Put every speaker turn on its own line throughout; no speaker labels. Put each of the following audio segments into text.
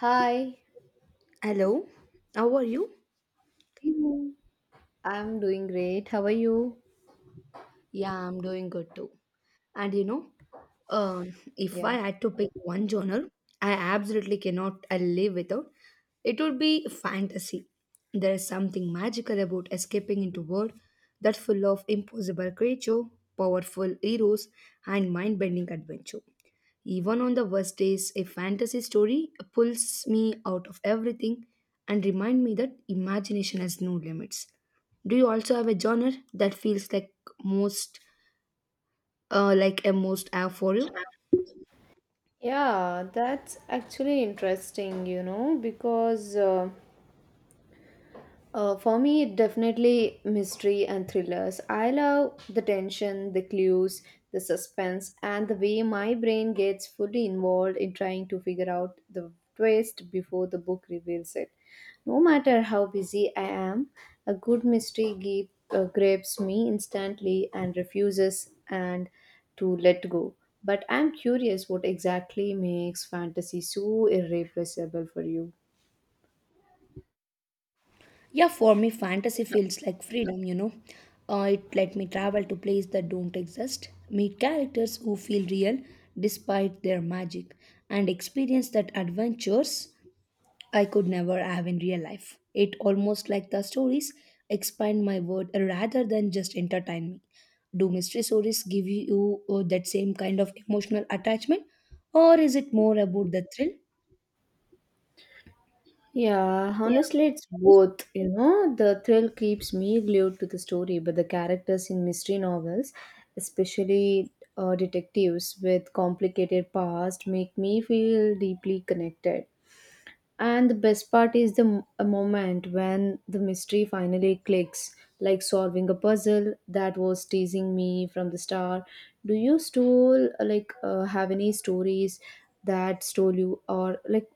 Hi,
Hello, how are you?
hello. I'm doing great. How are you?
Yeah, I'm doing good too. And you know, um, if
Yeah.
I had to pick one genre, I absolutely cannot I live without, it would be fantasy. There is something magical about escaping into world that's full of impossible creature, powerful heroes, and mind-bending adventure. Even on the worst days, a fantasy story pulls me out of everything and remind me that imagination has no limits. Do you also have a genre that feels like most like a most app for you?
Yeah, that's actually interesting, you know, because For me, definitely mystery and thrillers. I love the tension, the clues, the suspense, and the way my brain gets fully involved in trying to figure out the twist before the book reveals it. No matter how busy I am, a good grips me instantly and refuses and to let go. But I'm curious what exactly makes fantasy so irreplaceable for you.
Yeah, for me, fantasy feels like freedom, you know. It let me travel to places that don't exist, meet characters who feel real despite their magic, and experience that adventures I could never have in real life. It almost like the stories expand my world rather than just entertain me. Do mystery stories give you that same kind of emotional attachment, or is it more about the thrill?
Yeah,
Yeah.
honestly, it's both. You know, the thrill keeps me glued to the story, but the characters in mystery novels, especially detectives with complicated past, make me feel deeply connected. And the best part is the a moment when the mystery finally clicks, like solving a puzzle that was teasing me from the start. Do you still have any stories that stole you, or like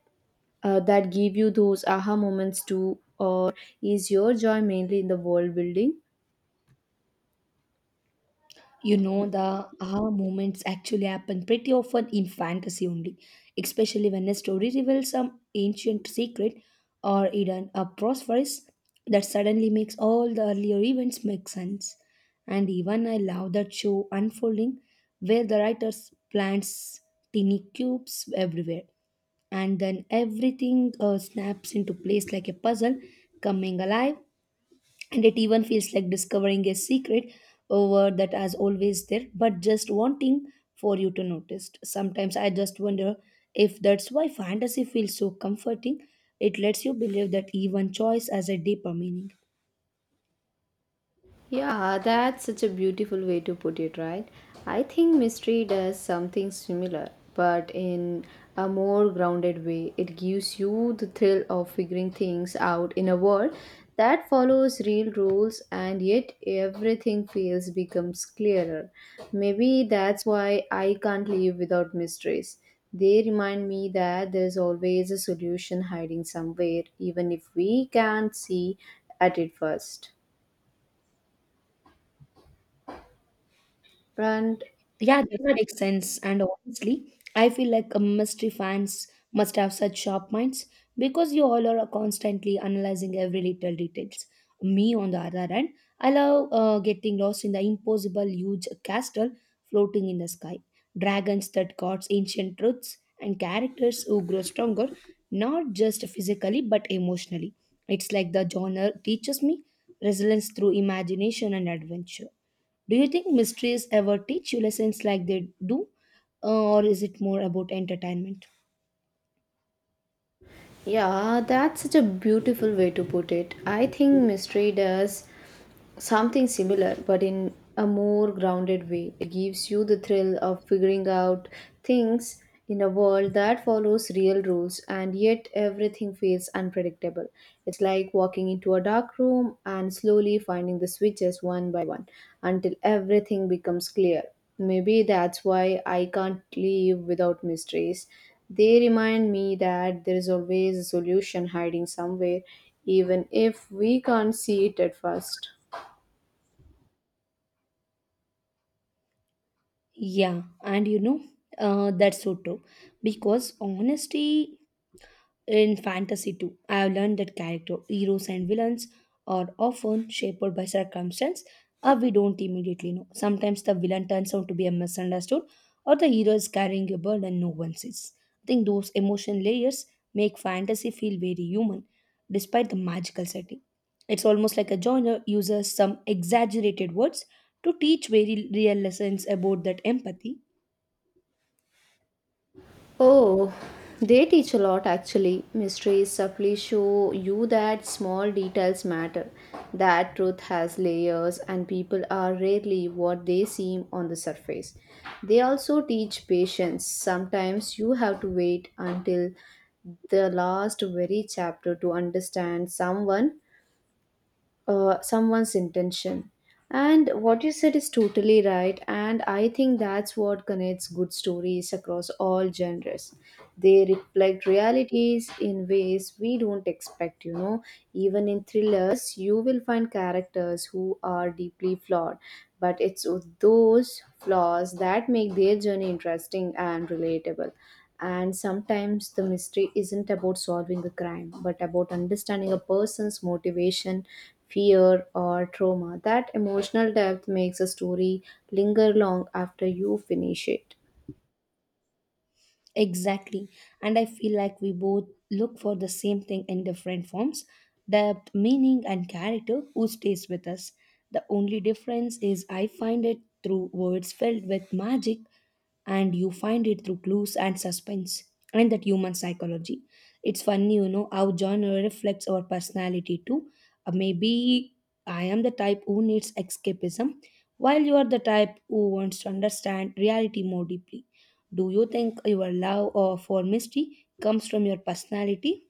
uh, that give you those aha moments too, or is your joy mainly in the world building?
You know, the aha moments actually happen pretty often in fantasy only, especially when a story reveals some ancient secret or hidden a prosperous that suddenly makes all the earlier events make sense. And even I love that show unfolding, where the writers plants tiny cubes everywhere and then everything snaps into place like a puzzle coming alive. And it even feels like discovering a secret over that has always there but just wanting for you to notice. Sometimes I just wonder if that's why fantasy feels so comforting. It lets you believe that even choice has a deeper meaning.
Yeah, that's such a beautiful way to put it, right? I think mystery does something similar, but in a more grounded way. It gives you the thrill of figuring things out in a world that follows real rules and yet everything feels becomes clearer. Maybe that's why I can't live without mysteries. They remind me that there's always a solution hiding somewhere, even if we can't see at it first. And
Yeah, that makes sense. And honestly, I feel like a mystery fans must have such sharp minds because you all are constantly analyzing every little details. Me, on the other hand, I love getting lost in the impossible huge castle floating in the sky, dragons that guards ancient truths, and characters who grow stronger, not just physically but emotionally. It's like the genre teaches me resilience through imagination and adventure. Do you think mysteries ever teach you lessons like they do, uh, or is it more about entertainment?
yeah, that's such a beautiful way to put it. I think mystery does something similar but in a more grounded way. It gives you the thrill of figuring out things in a world that follows real rules and yet everything feels unpredictable. It's like walking into a dark room and slowly finding the switches one by one until everything becomes clear. Maybe that's why I can't live without mysteries. They remind me that there is always a solution hiding somewhere, even if we can't see it at first.
Yeah, and you know, that's so true because honesty in fantasy too, I have learned that character heroes and villains are often shaped by circumstance or we don't immediately know. Sometimes the villain turns out to be a misunderstood or the hero is carrying a burden no one sees. I think those emotion layers make fantasy feel very human despite the magical setting. It's almost like a genre uses some exaggerated words to teach very real lessons about that empathy.
Oh, they teach a lot actually. Mysteries subtly show you that small details matter, that truth has layers, and people are rarely what they seem on the surface. They also teach patience. Sometimes you have to wait until the last very chapter to understand someone's intention. And what you said is totally right. And I think that's what connects good stories across all genres. They reflect realities in ways we don't expect, you know. Even in thrillers, you will find characters who are deeply flawed. But it's those flaws that make their journey interesting and relatable. And sometimes the mystery isn't about solving a crime, but about understanding a person's motivation, fear, or trauma. That emotional depth makes a story linger long after you finish it.
Exactly. And I feel like we both look for the same thing in different forms depth, meaning, and character who stays with us. The only difference is I find it through words filled with magic and you find it through clues and suspense and that human psychology. It's funny, you know, how genre reflects our personality too. Maybe I am the type who needs escapism, while you are the type who wants to understand reality more deeply. Do you think your love or for mystery comes from your personality?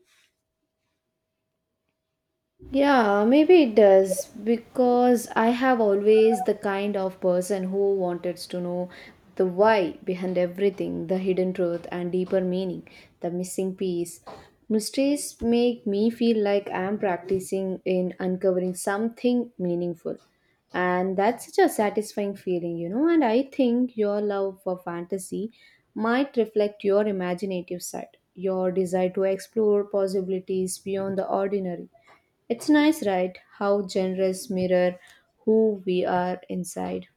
Yeah, maybe it does because I have always the kind of person who wanted to know the why behind everything, the hidden truth and deeper meaning, the missing piece. Mistakes make me feel like I am practicing in uncovering something meaningful. And that's such a satisfying feeling, you know. And I think your love for fantasy might reflect your imaginative side, your desire to explore possibilities beyond the ordinary. It's nice, right? How genres mirror who we are inside.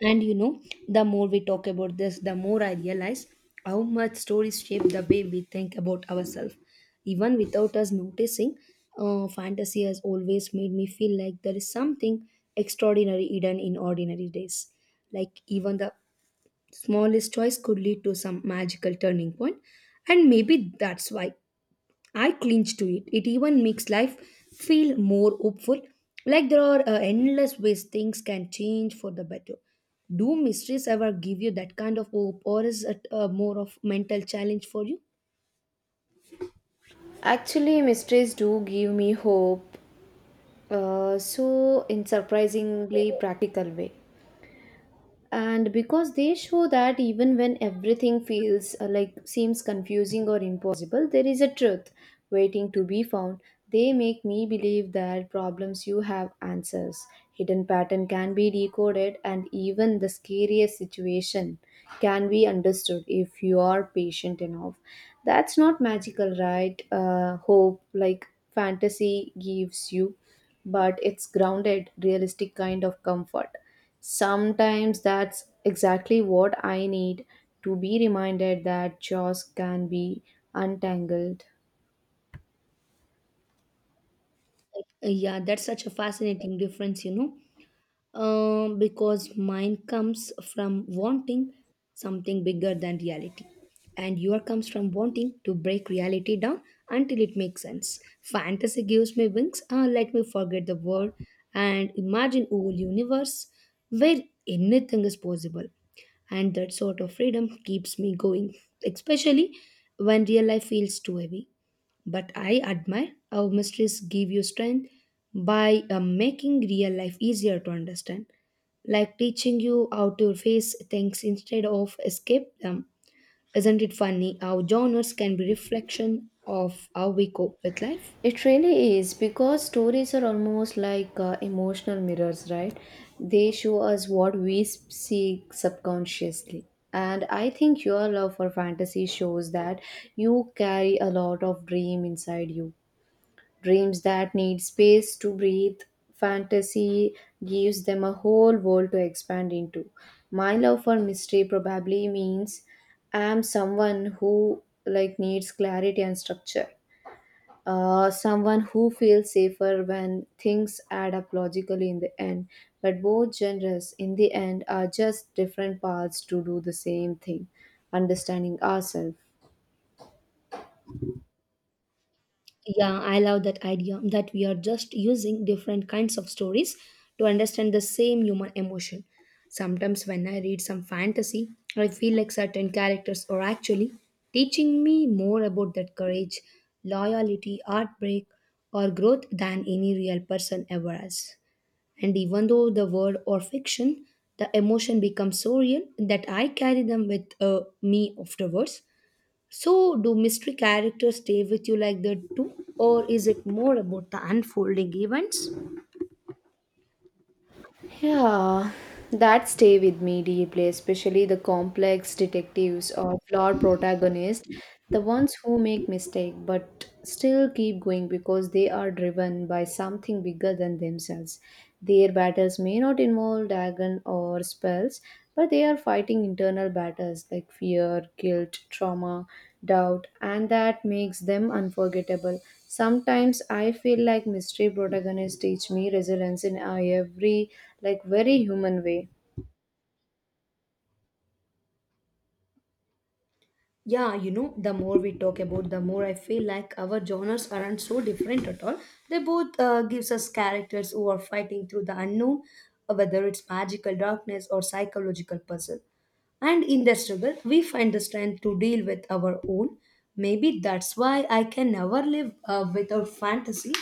And you know, the more we talk about this, the more I realize how much stories shape the way we think about ourselves. Even without us noticing, fantasy has always made me feel like there is something extraordinary hidden in ordinary days. Like, even the smallest choice could lead to some magical turning point, and maybe that's why I clinch to it. It even makes life feel more hopeful, like there are endless ways things can change for the better. Do mysteries ever give you that kind of hope, or is it more of mental challenge for you?
Actually, mysteries do give me hope, so in surprisingly practical way. And because they show that even when everything feels like seems confusing or impossible, there is a truth waiting to be found. They make me believe that problems you have answers, hidden pattern can be decoded and even the scariest situation can be understood if you are patient enough. That's not magical, right, hope like fantasy gives you, but it's grounded, realistic kind of comfort. Sometimes that's exactly what I need to be reminded that jaws can be untangled.
Yeah, that's such a fascinating difference, you know. Because mine comes from wanting something bigger than reality, and yours comes from wanting to break reality down until it makes sense. Fantasy gives me wings, let me forget the world and imagine a whole universe where anything is possible. And that sort of freedom keeps me going, especially when real life feels too heavy. But I admire how mysteries give you strength by making real life easier to understand, like teaching you how to face things instead of escape them. Isn't it funny how genres can be reflection of how we cope with life?
It really is because stories are almost like emotional mirrors, right? They show us what we seek subconsciously. And I think your love for fantasy shows that you carry a lot of dream inside you. Dreams that need space to breathe. Fantasy gives them a whole world to expand into. My love for mystery probably means I'm someone who like needs clarity and structure. Someone who feels safer when things add up logically in the end. But both genres, in the end, are just different paths to do the same thing understanding ourselves.
Yeah, I love that idea that we are just using different kinds of stories to understand the same human emotion. Sometimes, when I read some fantasy, I feel like certain characters are actually teaching me more about that courage, loyalty, heartbreak, or growth than any real person ever has. And even though the word or fiction, the emotion becomes so real that I carry them with me afterwards. So, do mystery characters stay with you like that too, or is it more about the unfolding events?
Yeah, that stay with me deeply, especially the complex detectives or flawed protagonists, the ones who make mistake but still keep going because they are driven by something bigger than themselves. Their battles may not involve dragon or spells, but they are fighting internal battles like fear, guilt, trauma, doubt, and that makes them unforgettable. Sometimes I feel like mystery protagonists teach me resilience in a every like very human way.
Yeah, you know, the more we talk about, the more I feel like our genres aren't so different at all. They both gives us characters who are fighting through the unknown, whether it's magical darkness or psychological puzzle. And in the struggle, we find the strength to deal with our own. Maybe that's why I can never live without fantasy.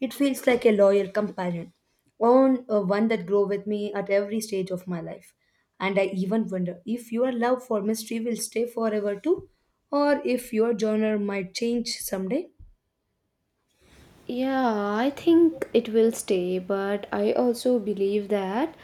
It feels like a loyal companion, on one that grow with me at every stage of my life. And I even wonder if your love for mystery will stay forever too, or if your genre might change someday.
Yeah, I think it will stay, but I also believe that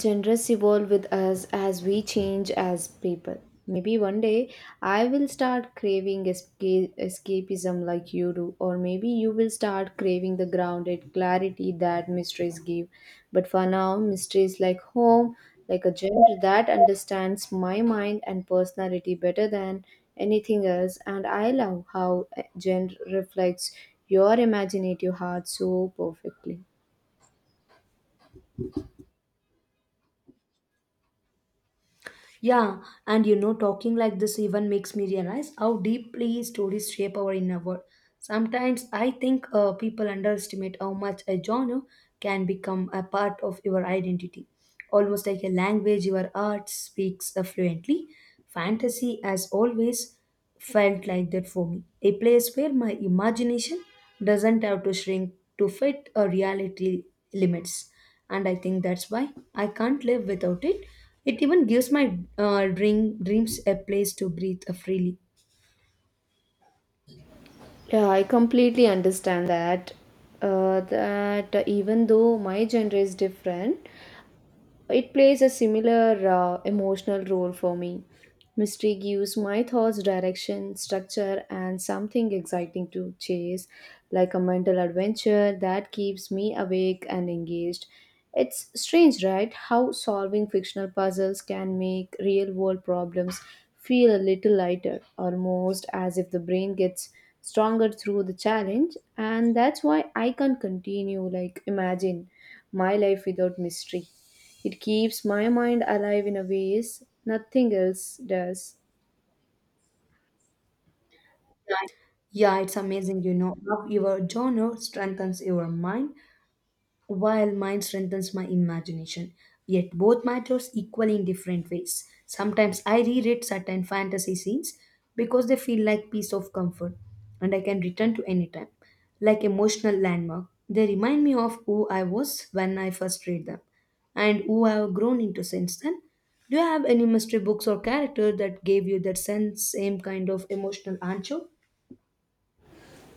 genres evolve with us as we change as people. Maybe one day I will start craving escape, escapism like you do, or maybe you will start craving the grounded clarity that mysteries give. But for now, mysteries like home, like a genre that understands my mind and personality better than anything else, and I love how a genre reflects your imaginative heart so perfectly.
Yeah, and you know, talking like this even makes me realize how deeply stories shape our inner world. Sometimes I think people underestimate how much a genre can become a part of your identity. Almost like a language, your art speaks fluently. Fantasy has always felt like that for me. A place where my imagination doesn't have to shrink to fit a reality limits, and I think that's why I can't live without it. It even gives my dream dreams a place to breathe freely.
Yeah, I completely understand that. That even though my gender is different, it plays a similar emotional role for me. Mystery gives my thoughts direction, structure, and something exciting to chase, like a mental adventure that keeps me awake and engaged. It's strange, right? How solving fictional puzzles can make real world problems feel a little lighter, almost as if the brain gets stronger through the challenge. And that's why I can continue, like, imagine my life without mystery. It keeps my mind alive in a ways nothing else does.
Yeah, it's amazing, you know. Love your genre strengthens your mind while mine strengthens my imagination. Yet both matters equally in different ways. Sometimes I reread certain fantasy scenes because they feel like piece of comfort and I can return to any time. Like emotional landmark. They remind me of who I was when I first read them and who I have grown into since then. Do you have any mystery books or character that gave you that sense, same kind of emotional anchor?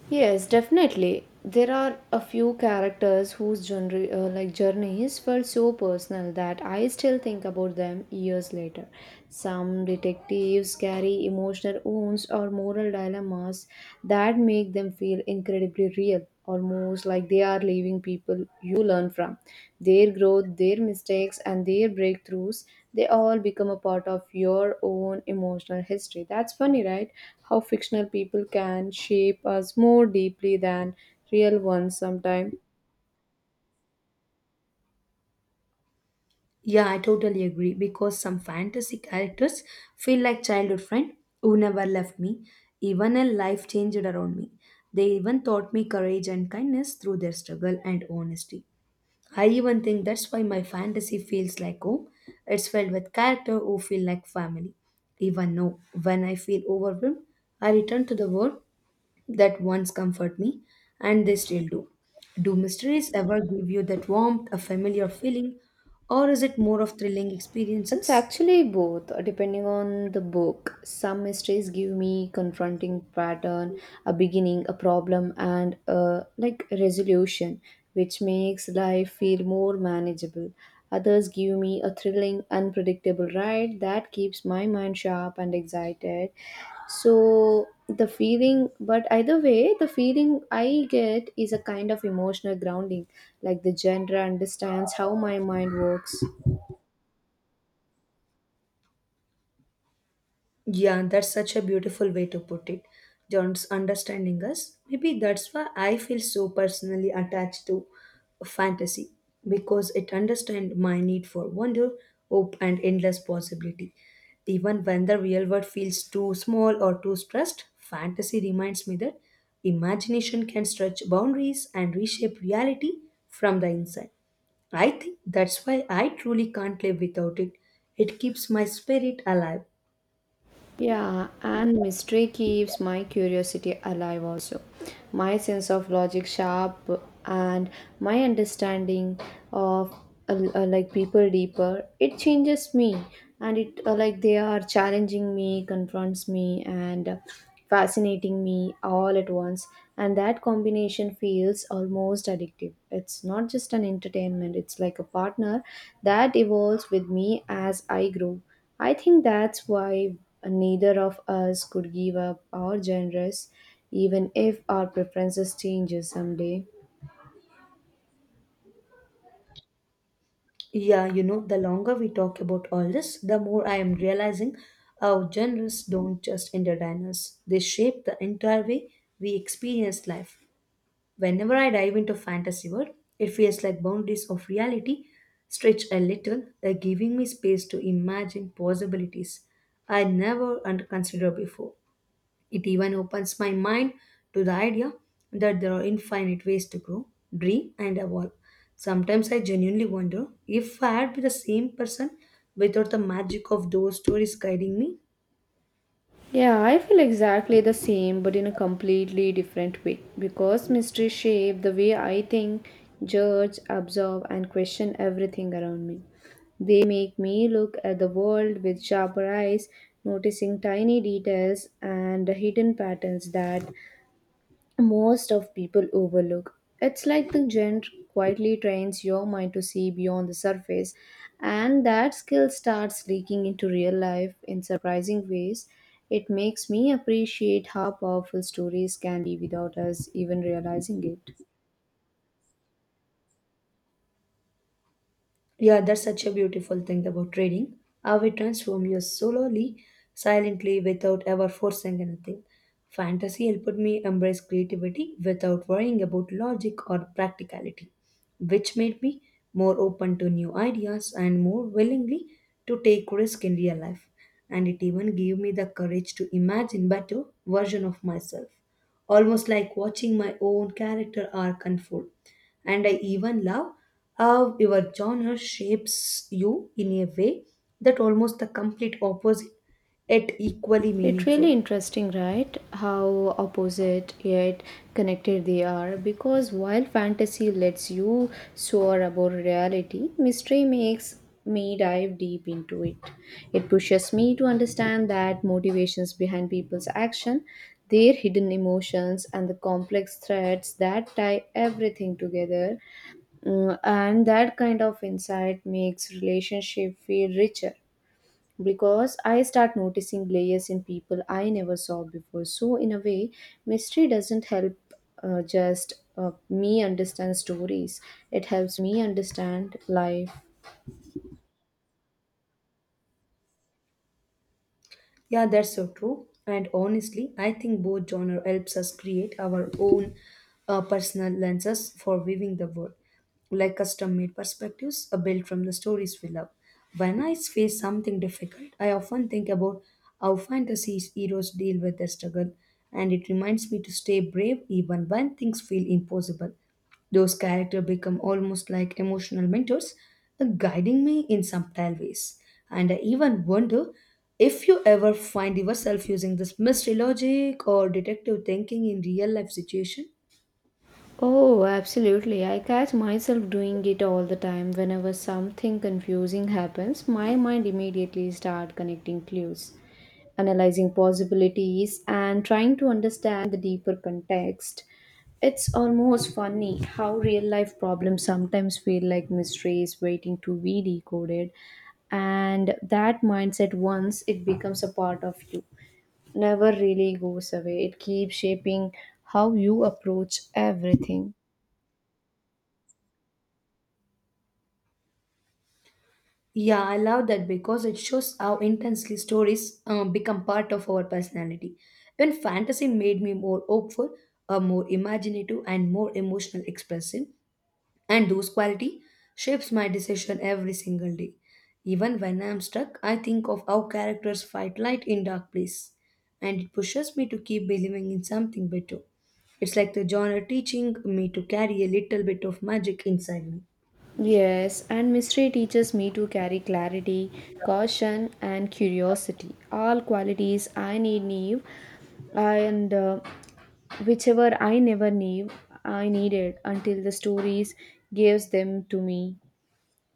Yes, definitely. There are a few characters whose journeys felt so personal that I still think about them years later. Some detectives carry emotional wounds or moral dilemmas that make them feel incredibly real. Almost like they are leaving people you learn from. Their growth, their mistakes, and their breakthroughs, they all become a part of your own emotional history. That's funny, right? How fictional people can shape us more deeply than real ones sometimes.
Yeah, I totally agree because some fantasy characters feel like childhood friend who never left me, even a life changed around me. They even taught me courage and kindness through their struggle and honesty. I even think that's why my fantasy feels like home. It's filled with character who feel like family. Even though when I feel overwhelmed, I return to the world that once comfort me and they still do. Do mysteries ever give you that warmth, a familiar feeling, or is it more of thrilling
It's
experiences?
actually both, depending on the book. Some mysteries give me confronting pattern, a beginning, a problem, and a like resolution, which makes life feel more manageable. Others give me a thrilling, unpredictable ride that keeps my mind sharp and excited. So the feeling, but either way, the feeling I get is a kind of emotional grounding. Like the genre understands how my mind works.
Yeah, that's such a beautiful way to put it. John's understanding us. Maybe that's why I feel so personally attached to fantasy because it understands my need for wonder, hope, and endless possibility. Even when the real world feels too small or too stressed, fantasy reminds me that imagination can stretch boundaries and reshape reality from the inside. I think that's why I truly can't live without it. It keeps my spirit alive.
Yeah, and mystery keeps my curiosity alive also. My sense of logic sharp and my understanding of people deeper. It changes me and it like they are challenging me, confronts me and fascinating me all at once and that combination feels almost addictive. It's not just an entertainment, it's like a partner that evolves with me as I grow. I think that's why neither of us could give up our genres even if our preferences changes someday.
Yeah, you know, the longer we talk about all this, the more I am realizing our genres don't just entertain us, they shape the entire way we experience life. Whenever I dive into fantasy world, it feels like boundaries of reality stretch a little, giving me space to imagine possibilities I never and considered before. It even opens my mind to the idea that there are infinite ways to grow, dream, and evolve. Sometimes I genuinely wonder if I had been the same person without the magic of those stories guiding me.
Yeah, I feel exactly the same but in a completely different way because mystery shape the way I think, judge, absorb and question everything around me. They make me look at the world with sharper eyes, noticing tiny details and the hidden patterns that most of people overlook. It's like the genre quietly trains your mind to see beyond the surface, and that skill starts leaking into real life in surprising ways. It makes me appreciate how powerful stories can be without us even realizing it.
Yeah, that's such a beautiful thing about trading. How it transforms you slowly, silently, without ever forcing anything. Fantasy helped me embrace creativity without worrying about logic or practicality, which made me more open to new ideas and more willingly to take risk in real life. And it even gave me the courage to imagine better version of myself, almost like watching my own character arc unfold. And I even love how your genre shapes you in a way that almost the complete opposite yet equally
It's really
meaningful.
interesting, right? How opposite yet connected they are. Because while fantasy lets you soar above reality, mystery makes me dive deep into it. It pushes me to understand that motivations behind people's action, their hidden emotions, and the complex threads that tie everything together. Mm, and that kind of insight makes relationship feel richer because I start noticing layers in people I never saw before. So, in a way, mystery doesn't help just me understand stories, it helps me understand life.
Yeah, that's so true. And honestly, I think both genre helps us create our own personal lenses for viewing the world, like custom-made perspectives are built from the stories we love. When I face something difficult, I often think about how fantasy heroes deal with their struggle, and it reminds me to stay brave even when things feel impossible. Those characters become almost like emotional mentors, guiding me in subtle ways. And I even wonder if you ever find yourself using this mystery logic or detective thinking in real life situation.
Oh, absolutely. I catch myself doing it all the time. Whenever something confusing happens, my mind immediately start connecting clues, analyzing possibilities and trying to understand the deeper context. It's almost funny how real life problems sometimes feel like mysteries waiting to be decoded, and that mindset once it becomes a part of you never really goes away. It keeps shaping how you approach everything.
Yeah, I love that because it shows how intensely stories become part of our personality. When fantasy made me more hopeful, more imaginative, and more emotional expressive, and those quality shapes my decision every single day, even when I am stuck. I think of how characters fight light in dark place, and it pushes me to keep believing in something better. It's like the genre teaching me to carry a little bit of magic inside me.
Yes, and mystery teaches me to carry clarity, caution, and curiosity. All qualities need and whichever I never knew, I needed until the stories gives them to me.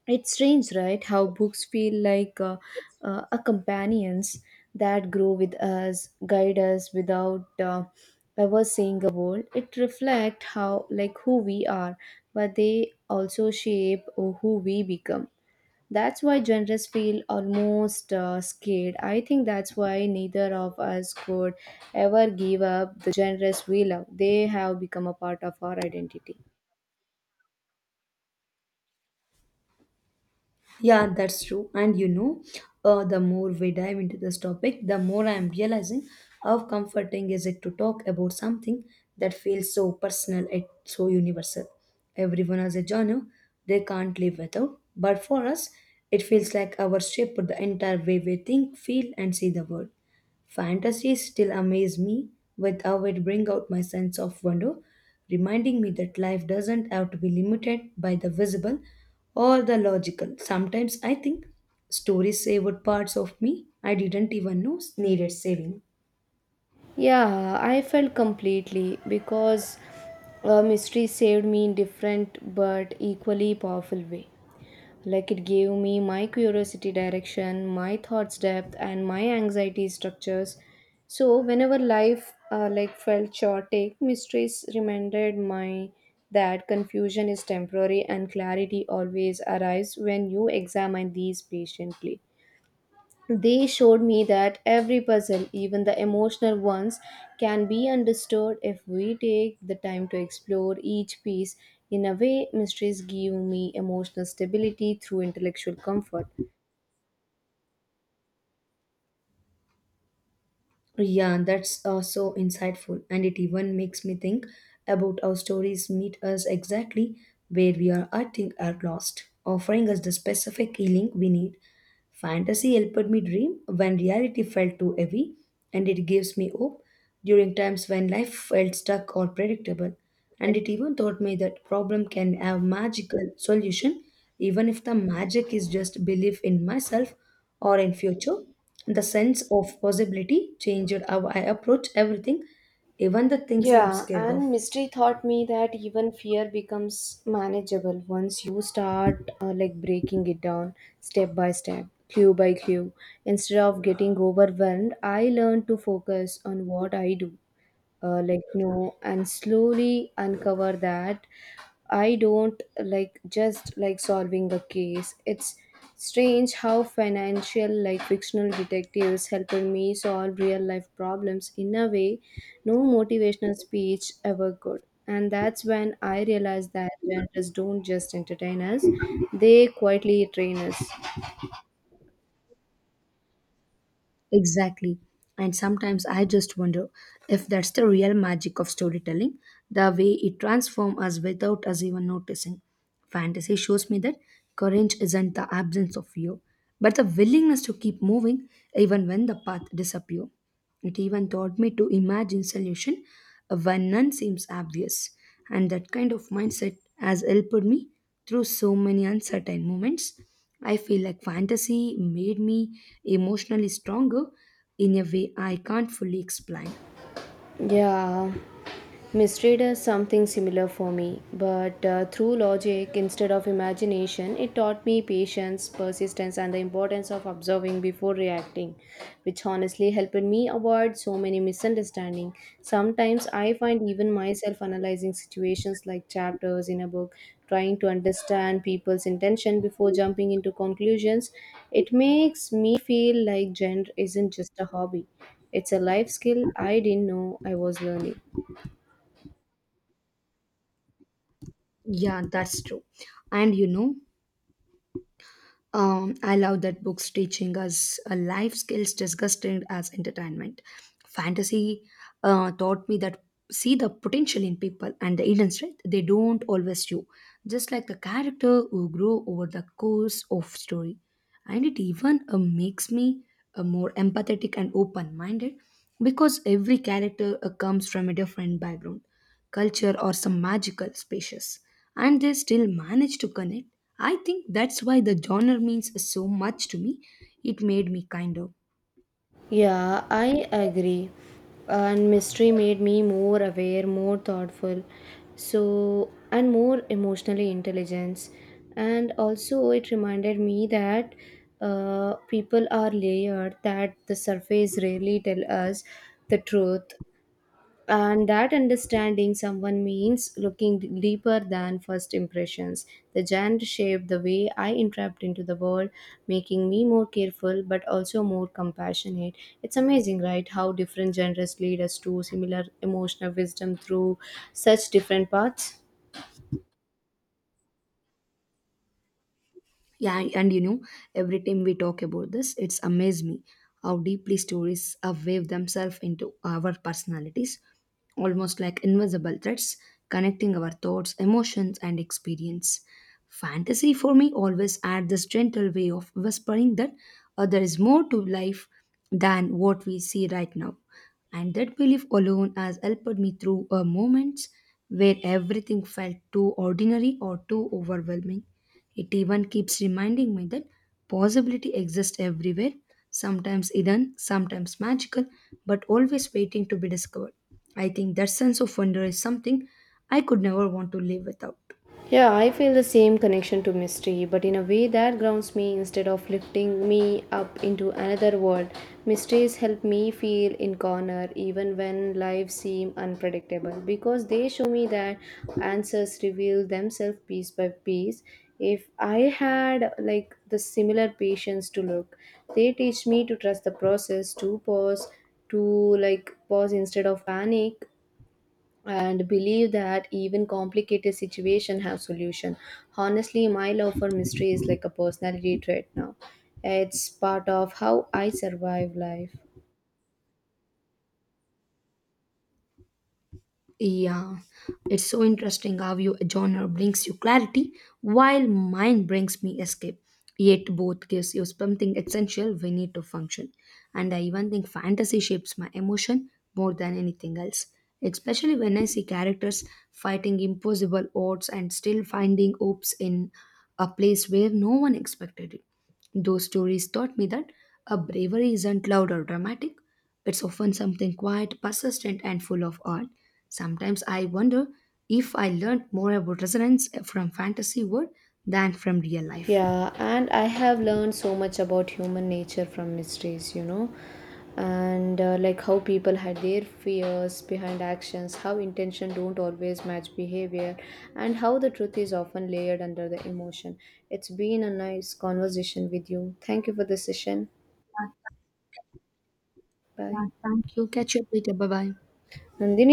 It's strange, right? How books feel like a companions that grow with us, guide us without ever saying a word. It reflect how, like, who we are, but they also shape who we become. That's why genres feel almost scared. I think that's why neither of us could ever give up the genres we love. They have become a part of our identity.
Yeah, that's true. The more we dive into this topic, the more I am realizing how comforting is it to talk about something that feels so personal and so universal. Everyone has a genre they can't live without, but for us, it feels like our shaped the entire way we think, feel, and see the world. Fantasies still amaze me with how it brings out my sense of wonder, reminding me that life doesn't have to be limited by the visible or the logical. Sometimes I think stories savored parts of me I didn't even know needed saving.
Yeah, I felt completely because mystery saved me in different but equally powerful way. Like it gave me my curiosity direction, my thoughts depth, and my anxiety structures. So whenever life felt chaotic, mysteries reminded my that confusion is temporary and clarity always arrives when you examine these patiently. They showed me that every puzzle, even the emotional ones, can be understood if we take the time to explore each piece. In a way, mysteries give me emotional stability through intellectual comfort.
Yeah, that's so insightful, and it even makes me think about how stories meet us exactly where we are, I think, are lost, offering us the specific healing we need. Fantasy helped me dream when reality felt too heavy, and it gives me hope during times when life felt stuck or predictable. And it even taught me that problem can have magical solution, even if the magic is just belief in myself or in future. The sense of possibility changed how I approach everything, even the things I'm
Yeah,
scared
and
of.
mystery taught me that even fear becomes manageable once you start breaking it down step by step, clue by clue. Instead of getting overwhelmed, I learned to focus on what I do no and slowly uncover that I don't like just like solving a case. It's strange how financial like fictional detectives helped me solve real life problems in a way no motivational speech ever could. And that's when I realized that genres don't just entertain us, they quietly train us.
Exactly. And sometimes I just wonder if that's the real magic of storytelling, the way it transforms us without us even noticing. Fantasy shows me that courage isn't the absence of fear, but the willingness to keep moving even when the path disappears. It even taught me to imagine solution when none seems obvious. And that kind of mindset has helped me through so many uncertain moments. I feel like fantasy made me emotionally stronger in a way I can't fully explain.
Yeah. Misread is something similar for me, but through logic instead of imagination, it taught me patience, persistence, and the importance of observing before reacting, which honestly helped me avoid so many misunderstandings. Sometimes I find even myself analyzing situations like chapters in a book, trying to understand people's intention before jumping into conclusions. It makes me feel like gender isn't just a hobby, it's a life skill I didn't know I was learning.
Yeah, that's true. And you know, I love that books teaching us life skills disgusting as entertainment. Fantasy taught me that see the potential in people and the hidden strength they don't always show, just like the character who grow over the course of story. And it even makes me more empathetic and open-minded because every character comes from a different background, culture, or some magical spaces, and they still manage to connect. I think that's why the genre means so much to me. It made me kind of.
Yeah, I agree. And mystery made me more aware, more thoughtful, so and more emotionally intelligent. And also, it reminded me that people are layered, that the surface rarely tell us the truth, and that understanding someone means looking deeper than first impressions. The genre shaped the way I interact into the world, making me more careful but also more compassionate. It's amazing, right, how different genres lead us to similar emotional wisdom through such different paths.
Yeah, and you know, every time we talk about this, it's amazed me how deeply stories have weaved themselves into our personalities, almost like invisible threads connecting our thoughts, emotions, and experience. Fantasy for me always had this gentle way of whispering that there is more to life than what we see right now. And that belief alone has helped me through moments where everything felt too ordinary or too overwhelming. It even keeps reminding me that possibility exists everywhere, sometimes hidden, sometimes magical, but always waiting to be discovered. I think that sense of wonder is something I could never want to live without.
Yeah, I feel the same connection to mystery, but in a way that grounds me instead of lifting me up into another world. Mysteries help me feel in corner even when lives seem unpredictable because they show me that answers reveal themselves piece by piece. If I had like the similar patience to look, they teach me to trust the process, to pause, to pause instead of panic and believe that even complicated situation have solution. Honestly, my love for mystery is like a personality trait now. It's part of how I survive life.
Yeah, it's so interesting how your genre brings you clarity while mine brings me escape. Yet both gives you something essential we need to function. And I even think fantasy shapes my emotion more than anything else, especially when I see characters fighting impossible odds and still finding hopes in a place where no one expected it. Those stories taught me that a bravery isn't loud or dramatic. It's often something quiet, persistent, and full of art. Sometimes I wonder if I learned more about resonance from fantasy world than from real life.
Yeah, and I have learned so much about human nature from mysteries, you know. And how people had their fears behind actions, how intention don't always match behavior, and how the truth is often layered under the emotion. It's been a nice conversation with you. Thank you for the session. Bye.
Yeah, thank you. Catch you up later. Bye bye.
And then.